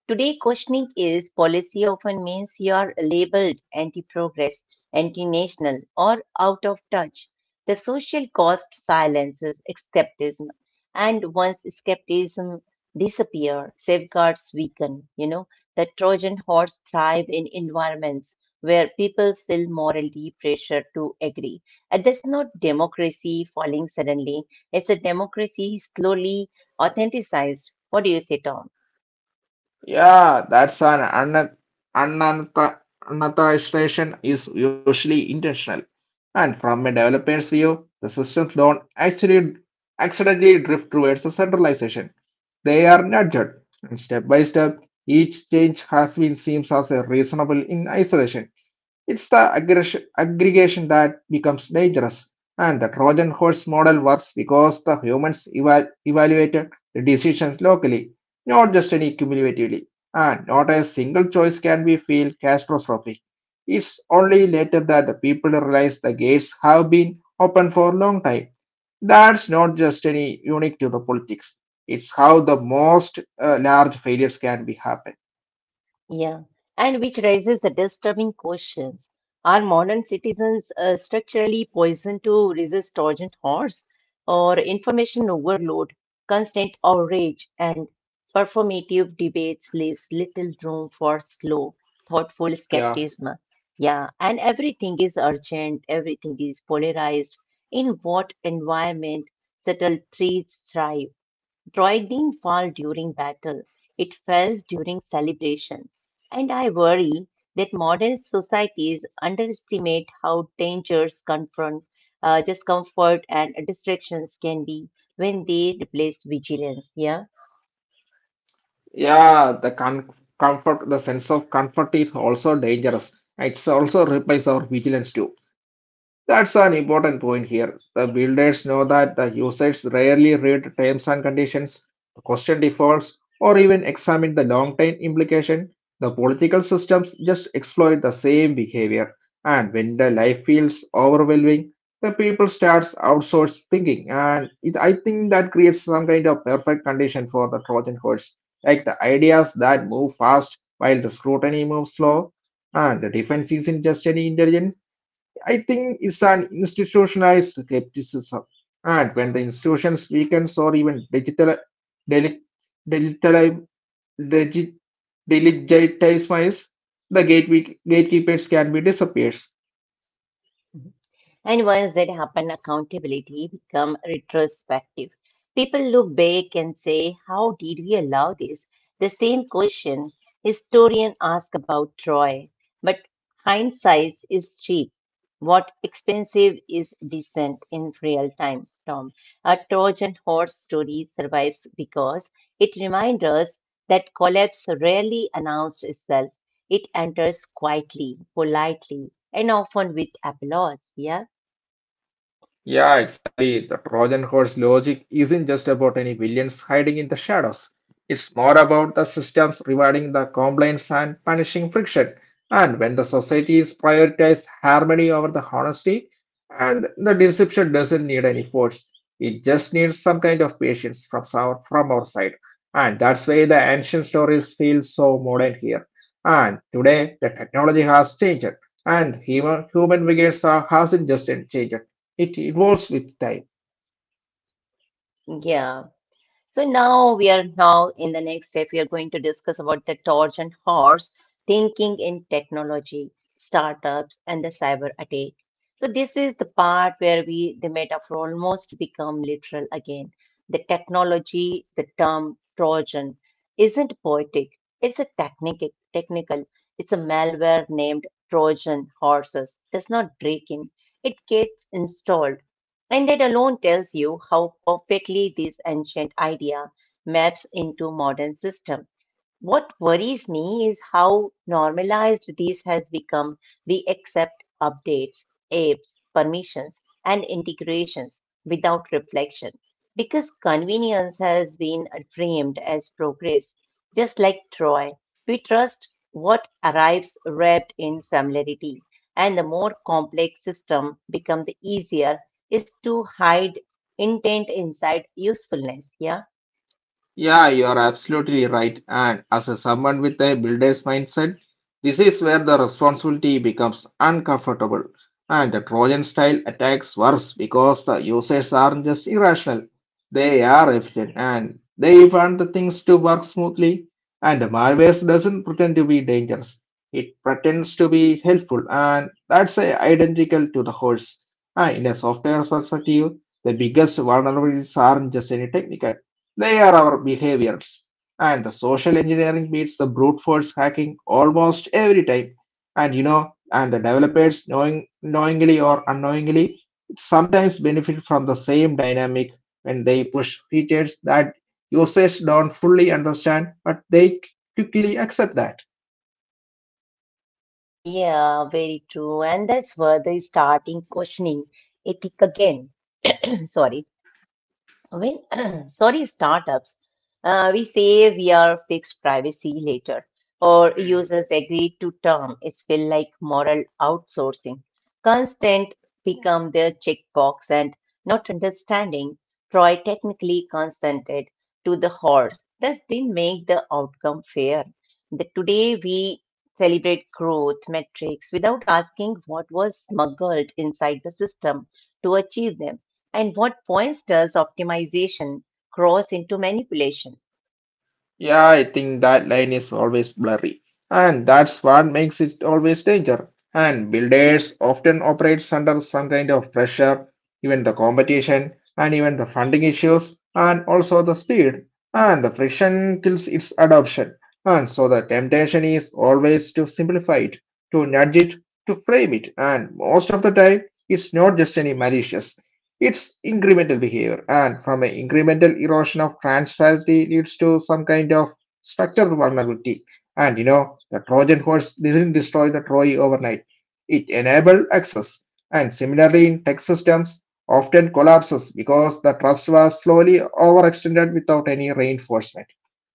S1: Today, questioning is policy often means you are labeled anti progress, anti national, or out of touch. The social cost silences skepticism, and once skepticism disappears, safeguards weaken. You know, the Trojan horse thrive in environments where people feel morally pressure to agree. And that's not democracy falling suddenly as a democracy slowly authenticized. What do you say, Tom?
S2: Yeah, that's an unantha- unanthisation is usually intentional. And from a developer's view, the systems don't actually accidentally drift towards the centralization. They are nudged. And step by step, each change has been seen as a reasonable in isolation. It's the aggregation that becomes dangerous. And the Trojan horse model works because the humans evaluated the decisions locally, not just any cumulatively. And not a single choice can be feel catastrophic. It's only later that the people realize the gates have been open for a long time. That's not just any unique to the politics. It's how the most large failures can be happen.
S1: Yeah, and which raises the disturbing questions. Are modern citizens structurally poisoned to resist Trojan horse or information overload, constant outrage, and performative debates leaves little room for slow, thoughtful skepticism? Yeah, and everything is urgent, everything is polarized. In what environment subtle threats thrive? Droid didn't fall during battle, it fell during celebration. And I worry that modern societies underestimate how dangers discomfort, and distractions can be when they replace vigilance. Yeah.
S2: Yeah, the con comfort, the sense of comfort is also dangerous. It also replaces our vigilance too. That's an important point here. The builders know that the users rarely read terms and conditions, question defaults, or even examine the long-term implication. The political systems just exploit the same behavior. And when the life feels overwhelming, the people starts outsource thinking. And it, I think that creates some kind of perfect condition for the Trojan horse like the ideas that move fast while the scrutiny moves slow. And the defense isn't just any intelligence, I think it's an institutionalized skepticism. And when the institutions weakens or even digital, deli- digital, digi- delegitimize, the gatekeepers can be disappears.
S1: And once that happen, accountability become retrospective. People look back and say, how did we allow this? The same question historian ask about Troy. But hindsight is cheap. What expensive is decent in real time, Tom. A Trojan horse story survives because it reminds us that collapse rarely announced itself. It enters quietly, politely, and often with applause. Yeah.
S2: Yeah, exactly. The Trojan horse logic isn't just about any villains hiding in the shadows. It's more about the systems rewarding the compliance and punishing friction. And when the societies prioritize harmony over the honesty, and the deception doesn't need any force. It just needs some kind of patience from our side. And that's why the ancient stories feel so modern here. And today, the technology has changed, and human behaviors are hasn't just changed. It evolves with time.
S1: Yeah. So now we are now in the next step, we are going to discuss about the torch and horse, thinking in technology, startups, and the cyber attack. So this is the part where we the metaphor almost become literal again. The technology, the term Trojan, isn't poetic. It's a technical technical. It's a malware named Trojan horses. Does not break in. It gets installed and that alone tells you how perfectly this ancient idea maps into modern system. What worries me is how normalized this has become. We accept updates, apps, permissions, and integrations without reflection because convenience has been framed as progress. Just like Troy, we trust what arrives wrapped in familiarity, and the more complex system become, the easier is to hide intent inside usefulness. Yeah.
S2: Yeah, you are absolutely right. And as a someone with a builder's mindset, this is where the responsibility becomes uncomfortable. And the Trojan style attacks worse because the users aren't just irrational. They are efficient and they want the things to work smoothly. And the malware doesn't pretend to be dangerous. It pretends to be helpful and that's identical to the horse. And in a software perspective, the biggest vulnerabilities aren't just any technical. They are our behaviors, and the social engineering beats the brute force hacking almost every time. And you know, and the developers, knowingly or unknowingly, sometimes benefit from the same dynamic when they push features that users don't fully understand, but they quickly accept that.
S1: Yeah, very true. And that's where they starting questioning ethic again. Sorry. When, sorry, startups, we say we are fixed privacy later, or users agree to term. It's feel like moral outsourcing. Consent become their checkbox and not understanding. Troy technically consented to the horse. That didn't make the outcome fair. Today we celebrate growth metrics without asking what was smuggled inside the system to achieve them. And what points does optimization cross into manipulation?
S2: Yeah, I think that line is always blurry, and that's what makes it always danger. And builders often operates under some kind of pressure, even the competition, and even the funding issues, and also the speed, and the friction kills its adoption. And so the temptation is always to simplify it, to nudge it, to frame it, and most of the time it's not just any malicious. It's incremental behavior, and from an incremental erosion of transparency leads to some kind of structural vulnerability. And you know, the Trojan horse does not destroy the Troy overnight. It enabled access, and similarly in tech systems often collapses because the trust was slowly overextended without any reinforcement.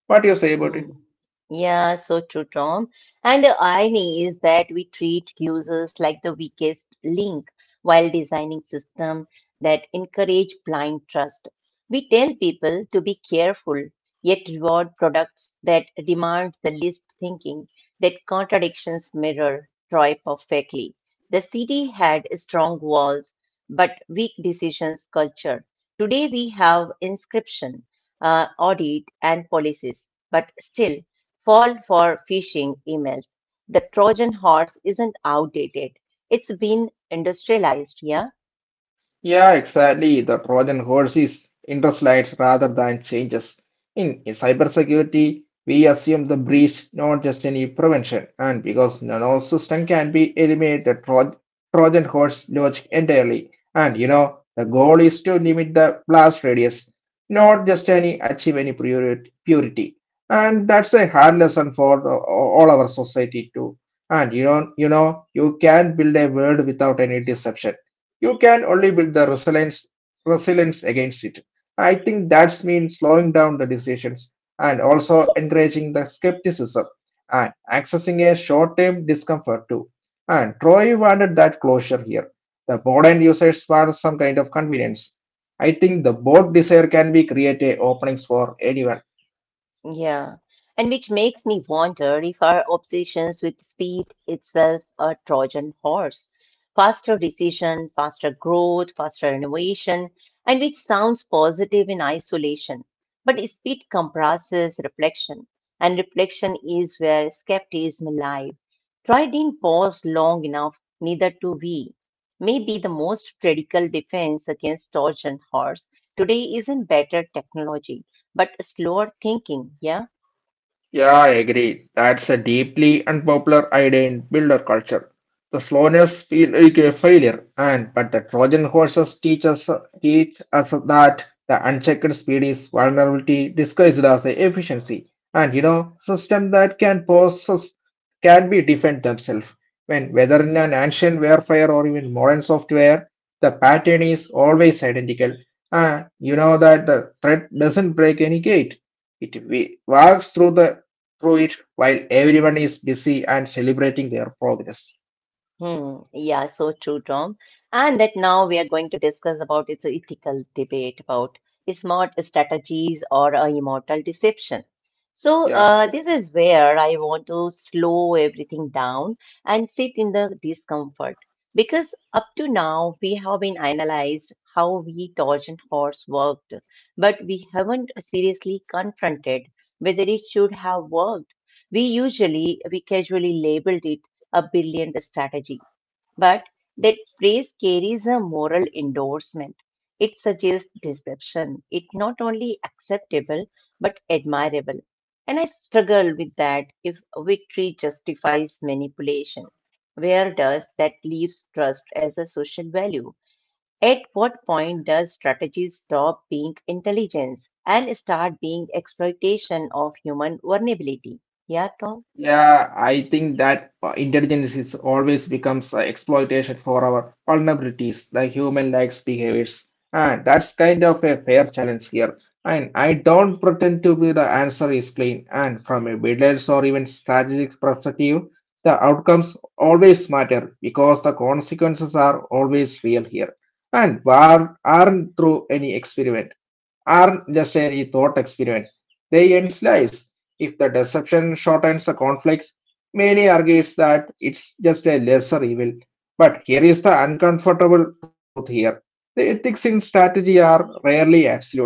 S2: What do you say about it?
S1: Mm. Yeah, so true, Tom. And the irony is that we treat users like the weakest link while designing systems that encourage blind trust. We tell people to be careful, yet reward products that demand the least thinking, that contradictions mirror Troy perfectly. The city had strong walls, but weak decisions culture. Today we have inscription, audit, and policies but still fall for phishing emails. The Trojan horse isn't outdated. It's been industrialized, yeah?
S2: Yeah, exactly. The Trojan horse is interest rather than changes. In cybersecurity, we assume the breach, not just any prevention. And because no system can be eliminated, Trojan horse logic entirely. And you know, the goal is to limit the blast radius, not just any achieve purity. And that's a hard lesson for the, all our society too. And you know, you can build a world without any deception you can only build the resilience against it. I think that's mean slowing down the decisions and also encouraging the skepticism and accessing a short-term discomfort too. And Troy wanted that closure here. The modern users want some kind of convenience. I think the both desire can be create a openings for anyone.
S1: Yeah. And which makes me wonder if our obsessions with speed itself a Trojan horse. Faster decision, faster growth, faster innovation, and which sounds positive in isolation. But speed comprises reflection, and reflection is where skepticism lies. Troy didn't pause long enough, neither do we. Maybe the most radical defense against torsion horse today isn't better technology, but slower thinking, yeah?
S2: Yeah, I agree. That's a deeply unpopular idea in builder culture. The slowness feel like a failure, and but the Trojan horses teach us that the unchecked speed is vulnerability disguised as a efficiency. And you know, system that can possess can be defend themselves. When whether in an ancient warfare or even modern software, the pattern is always identical. And you know that the threat doesn't break any gate. It walks through it while everyone is busy and celebrating their progress.
S1: Hmm. Yeah, so true, Tom. And that now we are going to discuss about its an ethical debate about smart strategies or a immortal deception. So
S2: Yeah.
S1: this is where I want to slow everything down and sit in the discomfort because up to now we have been analyzed how we Trojan horse worked, but we haven't seriously confronted whether it should have worked. We casually labeled it a brilliant strategy, but that praise carries a moral endorsement. It suggests deception. It's not only acceptable but admirable. And I struggle with that. If victory justifies manipulation, where does that leave trust as a social value? At what point does strategy stop being intelligence and start being exploitation of human vulnerability? Yeah, Tom?
S2: Yeah, I think that intelligence is always becomes exploitation for our vulnerabilities, the human likes behaviors. And that's kind of a fair challenge here. And I don't pretend to be the answer is clean. And from a builder's or even strategic perspective, the outcomes always matter because the consequences are always real here and war aren't through any experiment aren't just a thought experiment, they end lives. If the deception shortens the conflict, many argues that it's just a lesser evil. But here is the uncomfortable truth here. The ethics in strategy are rarely absolute.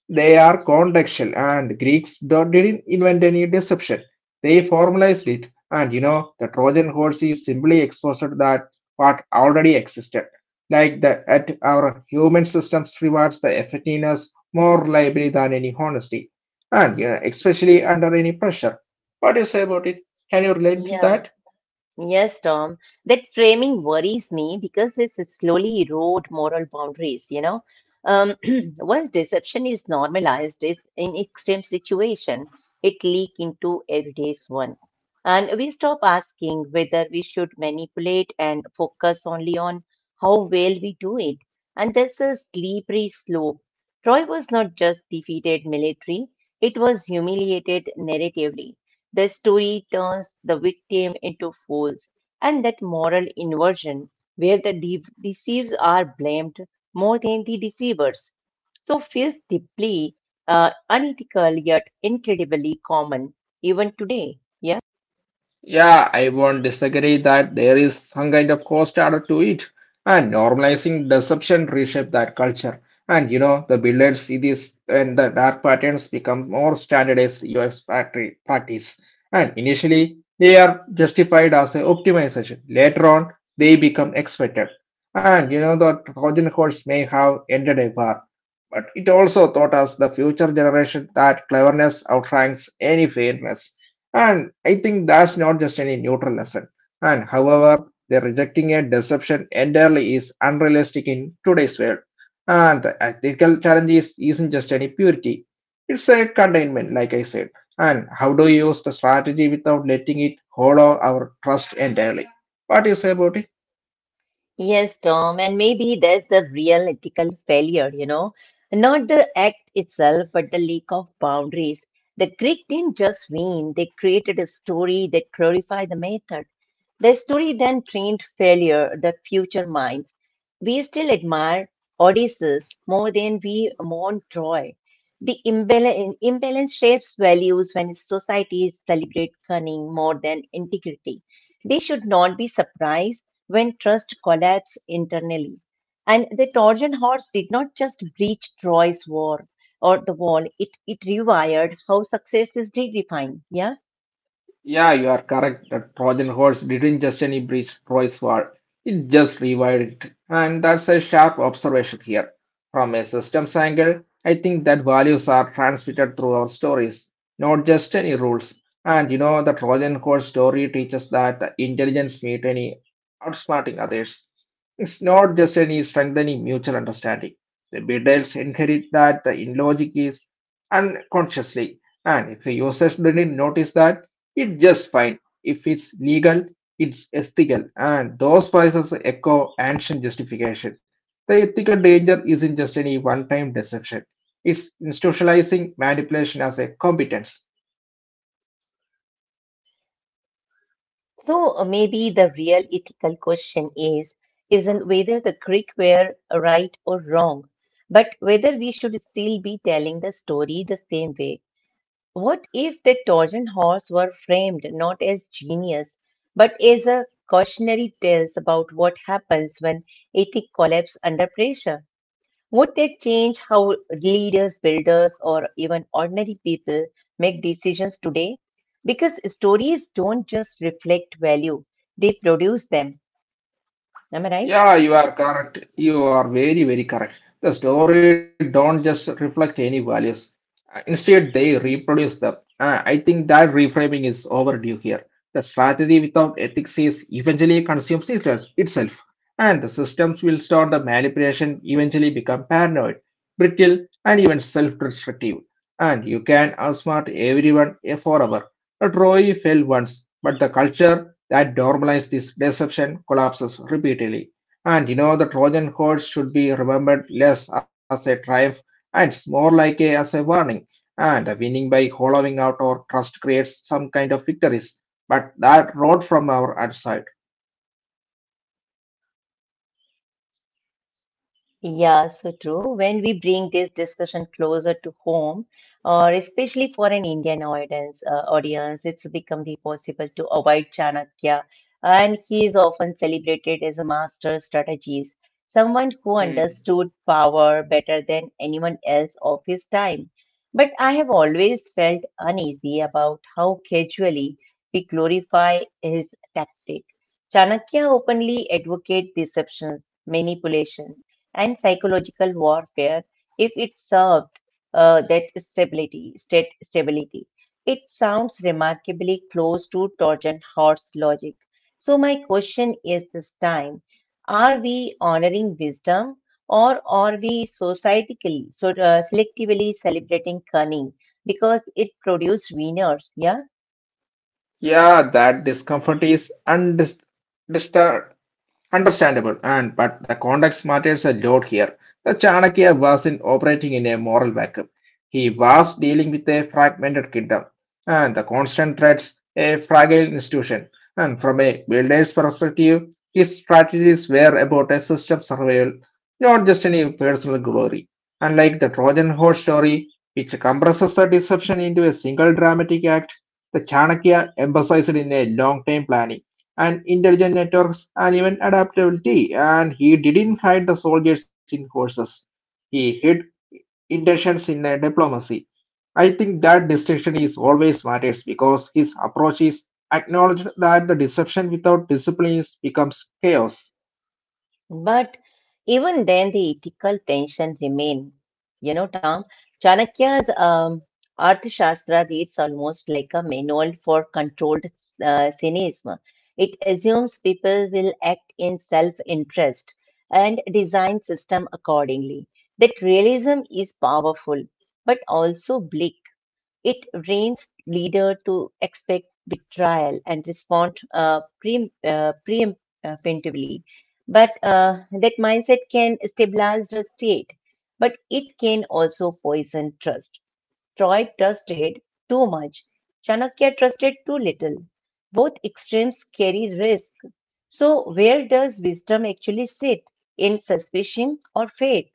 S2: They are contextual, and the Greeks don't- didn't invent any deception. They formalized it, and you know, the Trojan horse is simply exposed that what already existed like the at our human systems rewards the effectiveness more liable than any honesty, and you know, especially under any pressure. What do you say about it? Can you relate to
S1: Yeah.
S2: that?
S1: Yes, Tom, that framing worries me because it's slowly erode moral boundaries. Um, Once deception is normalized is in extreme situation, it leak into everyday's one. And we stop asking whether we should manipulate and focus only on how well we do it. And that's a slippery slope. Troy was not just defeated military, it was humiliated narratively. The story turns the victim into fools, and that moral inversion, where the deceives are blamed more than the deceivers, so feels deeply unethical yet incredibly common even today. Yeah.
S2: Yeah, I won't disagree that there is some kind of cost added to it, and normalizing deception reshape that culture. And you know, the builders see this, and the dark patterns become more standardized UX practice. And initially, they are justified as a optimization. Later on, they become expected. And you know, the Trojan horse may have ended a war, but it also taught us the future generation that cleverness outranks any fairness. And I think that's not just any neutral lesson. And however, the rejecting a deception entirely is unrealistic in today's world. And the ethical challenge isn't just any purity. It's a containment, like I said. And how do you use the strategy without letting it hollow our trust entirely? What do you say about it?
S1: Yes, Tom, and maybe that's the real ethical failure, not the act itself, but the lack of boundaries. The Greek didn't just win; they created a story that glorified the method. The story then trained failure that future minds. We still admire Odysseus more than we mourn Troy. The imbalance shapes values. When societies celebrate cunning more than integrity, they should not be surprised when trust collapses internally. And the Trojan horse did not just breach Troy's war or the wall, it rewired how success is redefined. Yeah.
S2: Yeah, you are correct. The Trojan horse didn't just any breach Troy's wall, it just revived it. And that's a sharp observation here. From a systems angle, I think that values are transmitted through our stories, not just any rules. And you know, the Trojan horse story teaches that the intelligence meet any outsmarting others. It's not just any strengthening mutual understanding. The betrayals inherit that the in logic is unconsciously. And if the users didn't notice that, it's just fine. If it's legal, it's ethical, and those prices echo ancient justification. The ethical danger isn't just any one time deception, it's institutionalizing manipulation as a competence.
S1: Maybe the real ethical question is isn't whether the Greek were right or wrong, but whether we should still be telling the story the same way. What if the Trojan horse were framed not as genius, but as a cautionary tales about what happens when ethic collapse under pressure? Would that change how leaders, builders, or even ordinary people make decisions today? Because stories don't just reflect value, they produce them. Am I right?
S2: Yeah, you are correct. You are very, very correct. The story don't just reflect any values. Instead, they reproduce them. I think that reframing is overdue here. The strategy without ethics is eventually itself, and the systems will start the manipulation eventually become paranoid, brittle, and even self-destructive and you can outsmart everyone forever. A Troy fell once, but the culture that normalized this deception collapses repeatedly. And you know, the Trojan horse should be remembered less as a triumph and it's more like as a warning. And the winning by hollowing out our trust creates some kind of victories, but that road from our outside.
S1: Yeah, so true. When we bring this discussion closer to home, or especially for an Indian audience, it's become the possible to avoid Chanakya, and he is often celebrated as a master strategist, someone who understood power better than anyone else of his time. But I have always felt uneasy about how casually we glorify his tactic. Chanakya openly advocated deceptions, manipulation and psychological warfare if it served that stability, state stability. It sounds remarkably close to Trojan horse logic. So my question is this time, are we honoring wisdom, or are we societically, selectively celebrating cunning because it produced winners? Yeah.
S2: Yeah, that discomfort is disturbed Understandable, and but the context matters a lot here. The Chanakya wasn't operating in a moral vacuum. He was dealing with a fragmented kingdom and the constant threats, a fragile institution. And from a builder's perspective, his strategies were about a system survival, not just any personal glory. Unlike the Trojan horse story, which compresses the deception into a single dramatic act, the Chanakya emphasized in a long-term planning and intelligent networks and even adaptability. And he didn't hide the soldiers in horses. He hid intentions in diplomacy. I think that distinction is always matters because his approach is acknowledged that the deception without discipline becomes chaos.
S1: But even then, the ethical tension remain. You know, Tom, Chanakya's Arthashastra reads almost like a manual for controlled uh, cynicism. It assumes people will act in self-interest and design system accordingly. That realism is powerful, but also bleak. It trains leader to expect betrayal and respond preemptively. But that mindset can stabilize the state, but it can also poison trust. Troy trusted too much. Chanakya trusted too little. Both extremes carry risk. So, where does wisdom actually sit? In suspicion or faith?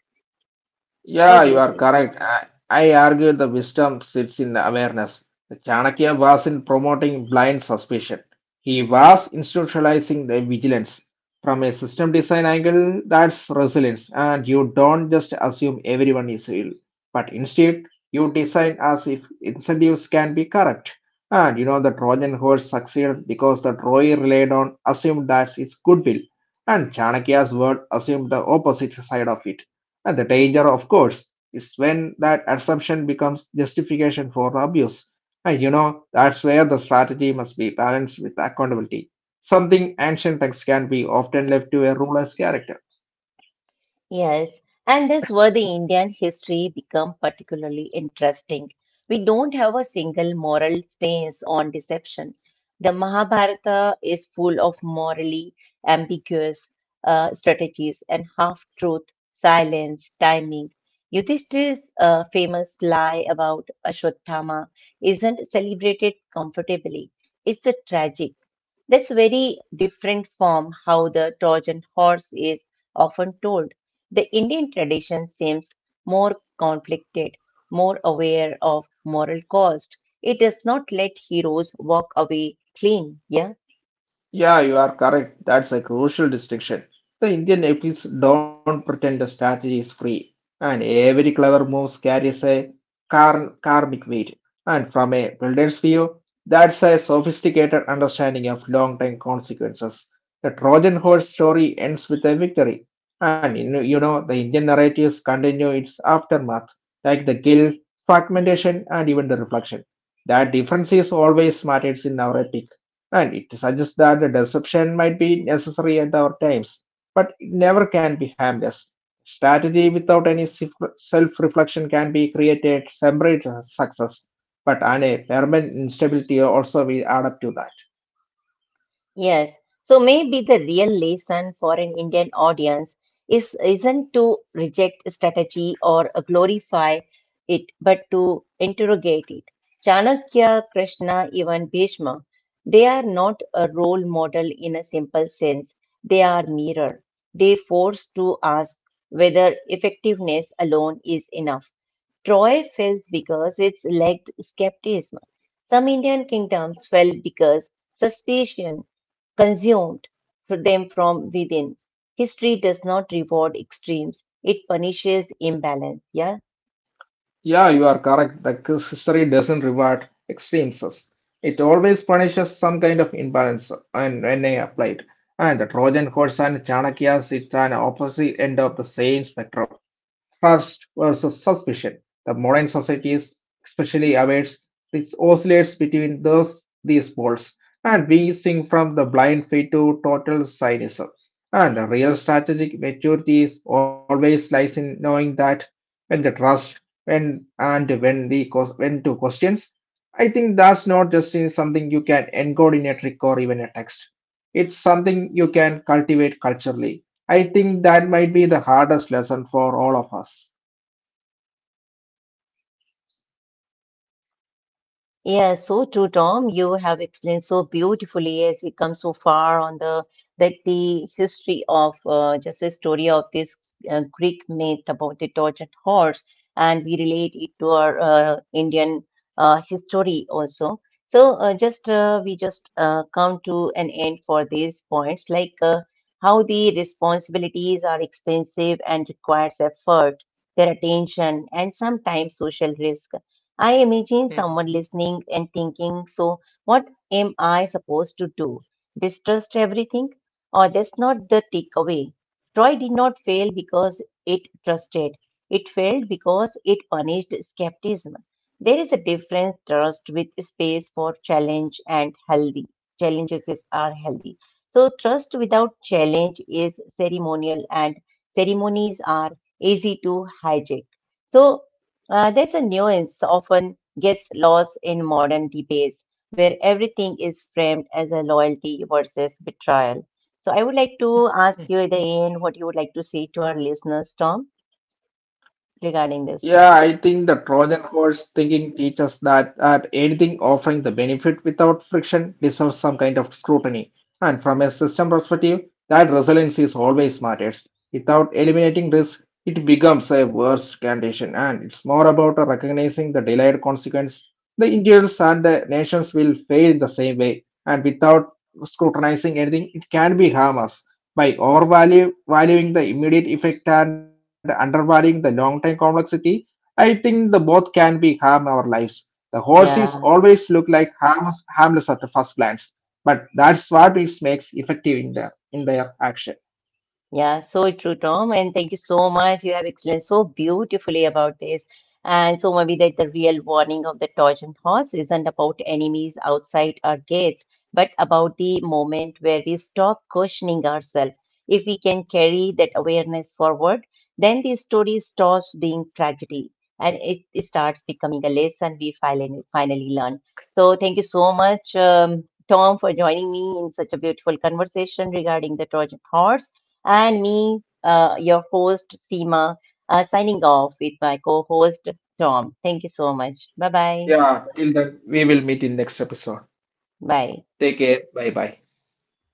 S2: Yeah, you
S1: What do
S2: are
S1: you say?
S2: correct. I argue the wisdom sits in the awareness. Chanakya was in promoting blind suspicion. He was institutionalizing the vigilance. From a system design angle, that's resilience, and you don't just assume everyone is ill, but instead, you design as if incentives can be correct. And you know, the Trojan horse succeeded because the Troy relied on assumed that its goodwill, and Chanakya's word assumed the opposite side of it and the danger, of course, is when that assumption becomes justification for the abuse. And you know, that's where the strategy must be balanced with accountability. Something ancient texts can be often left to a ruler's character.
S1: Yes, and that's where the Indian history become particularly interesting. We don't have a single moral stance on deception. The Mahabharata is full of morally ambiguous strategies and half-truth, silence, timing. Yudhishthir's famous lie about Ashwatthama isn't celebrated comfortably. It's a tragic. That's very different from how the Trojan horse is often told. The Indian tradition seems more conflicted, more aware of moral cost. It does not let heroes walk away clean. Yeah.
S2: Yeah, you are correct. That's a crucial distinction. The Indian epics don't pretend the strategy is free, and every clever move carries a karmic weight. And from a builder's view, that's a sophisticated understanding of long-term consequences. The Trojan horse story ends with a victory, and you know, the Indian narratives continue its aftermath, like the guilt, fragmentation, and even the reflection. That difference is always matters in our epic and it suggests that the deception might be necessary at our times, but it never can be harmless. Strategy without any self reflection can be created separate success, but on a permanent instability also we add up to that.
S1: Yes. So maybe the real lesson for an Indian audience is isn't to reject strategy or glorify it, but to interrogate it. Chanakya, Krishna, even Bhishma, they are not a role model in a simple sense. They are mirror. They force to ask whether effectiveness alone is enough. Troy fell because its lacked skepticism. Some Indian kingdoms fell because suspicion consumed them from within. History does not reward extremes, it punishes imbalance. Yeah.
S2: Yeah, you are correct. The history doesn't reward extremes. It always punishes some kind of imbalance and when applied. And the Trojan horse and Chanakya's it's an opposite end of the same spectrum. Trust versus suspicion. The modern societies especially awaits this oscillates between those these poles, and we sing from the blind faith to total cynicism. And the real strategic maturity is always lies in knowing that when the trust when and when the ques- when to questions. I think that's not just in something you can encode in a trick or even a text. It's something you can cultivate culturally I think that might be the hardest lesson for all of us.
S1: Yeah, so true, Tom. You have explained so beautifully as we come so far on the that the history of just the story of this Greek myth about the tortured horse, and we relate it to our Indian history also. So just we just come to an end for these points, like how the responsibilities are expensive and requires effort, their attention, and sometimes social risk. I imagine someone listening and thinking, so what am I supposed to do? Distrust everything? Or that's not the takeaway. Troy did not fail because it trusted. It failed because it punished skepticism. There is a different trust with space for challenge and healthy. Challenges are healthy. So trust without challenge is ceremonial, and ceremonies are easy to hijack. So there's a nuance often gets lost in modern debates where everything is framed as a loyalty versus betrayal. So I would like to ask you at the end what you would like to say to our listeners, Tom, regarding
S2: Yeah,
S1: this
S2: I think the
S1: strategy.
S2: Trojan horse thinking teaches that anything offering the benefit without friction deserves some kind of scrutiny. And from a system perspective, that resilience is always matters. Without eliminating risk, it becomes a worse condition. And it's more about recognizing the delayed consequence. The individuals and the nations will fail in the same way. And without scrutinizing anything, it can be harmless by overvaluing valuing the immediate effect and undervaluing the long term complexity, I think the both can be harm our lives. The horses
S1: Yeah.
S2: always look like harmless at the first glance, but that's what it makes effective in their action.
S1: Yeah, so true, Tom. And thank you so much. You have explained so beautifully about this. And so maybe that the real warning of the Trojan horse isn't about enemies outside our gates, but about the moment where we stop questioning ourselves. If we can carry that awareness forward, then the story stops being tragedy, and it starts becoming a lesson we finally, finally learn. So thank you so much, Tom, for joining me in such a beautiful conversation regarding the Trojan horse, and me, your host, Seema, signing off with my co host, Tom. Thank you so much. Bye bye.
S2: Yeah, till then we will meet in next episode.
S1: Bye.
S2: Take care. Bye bye.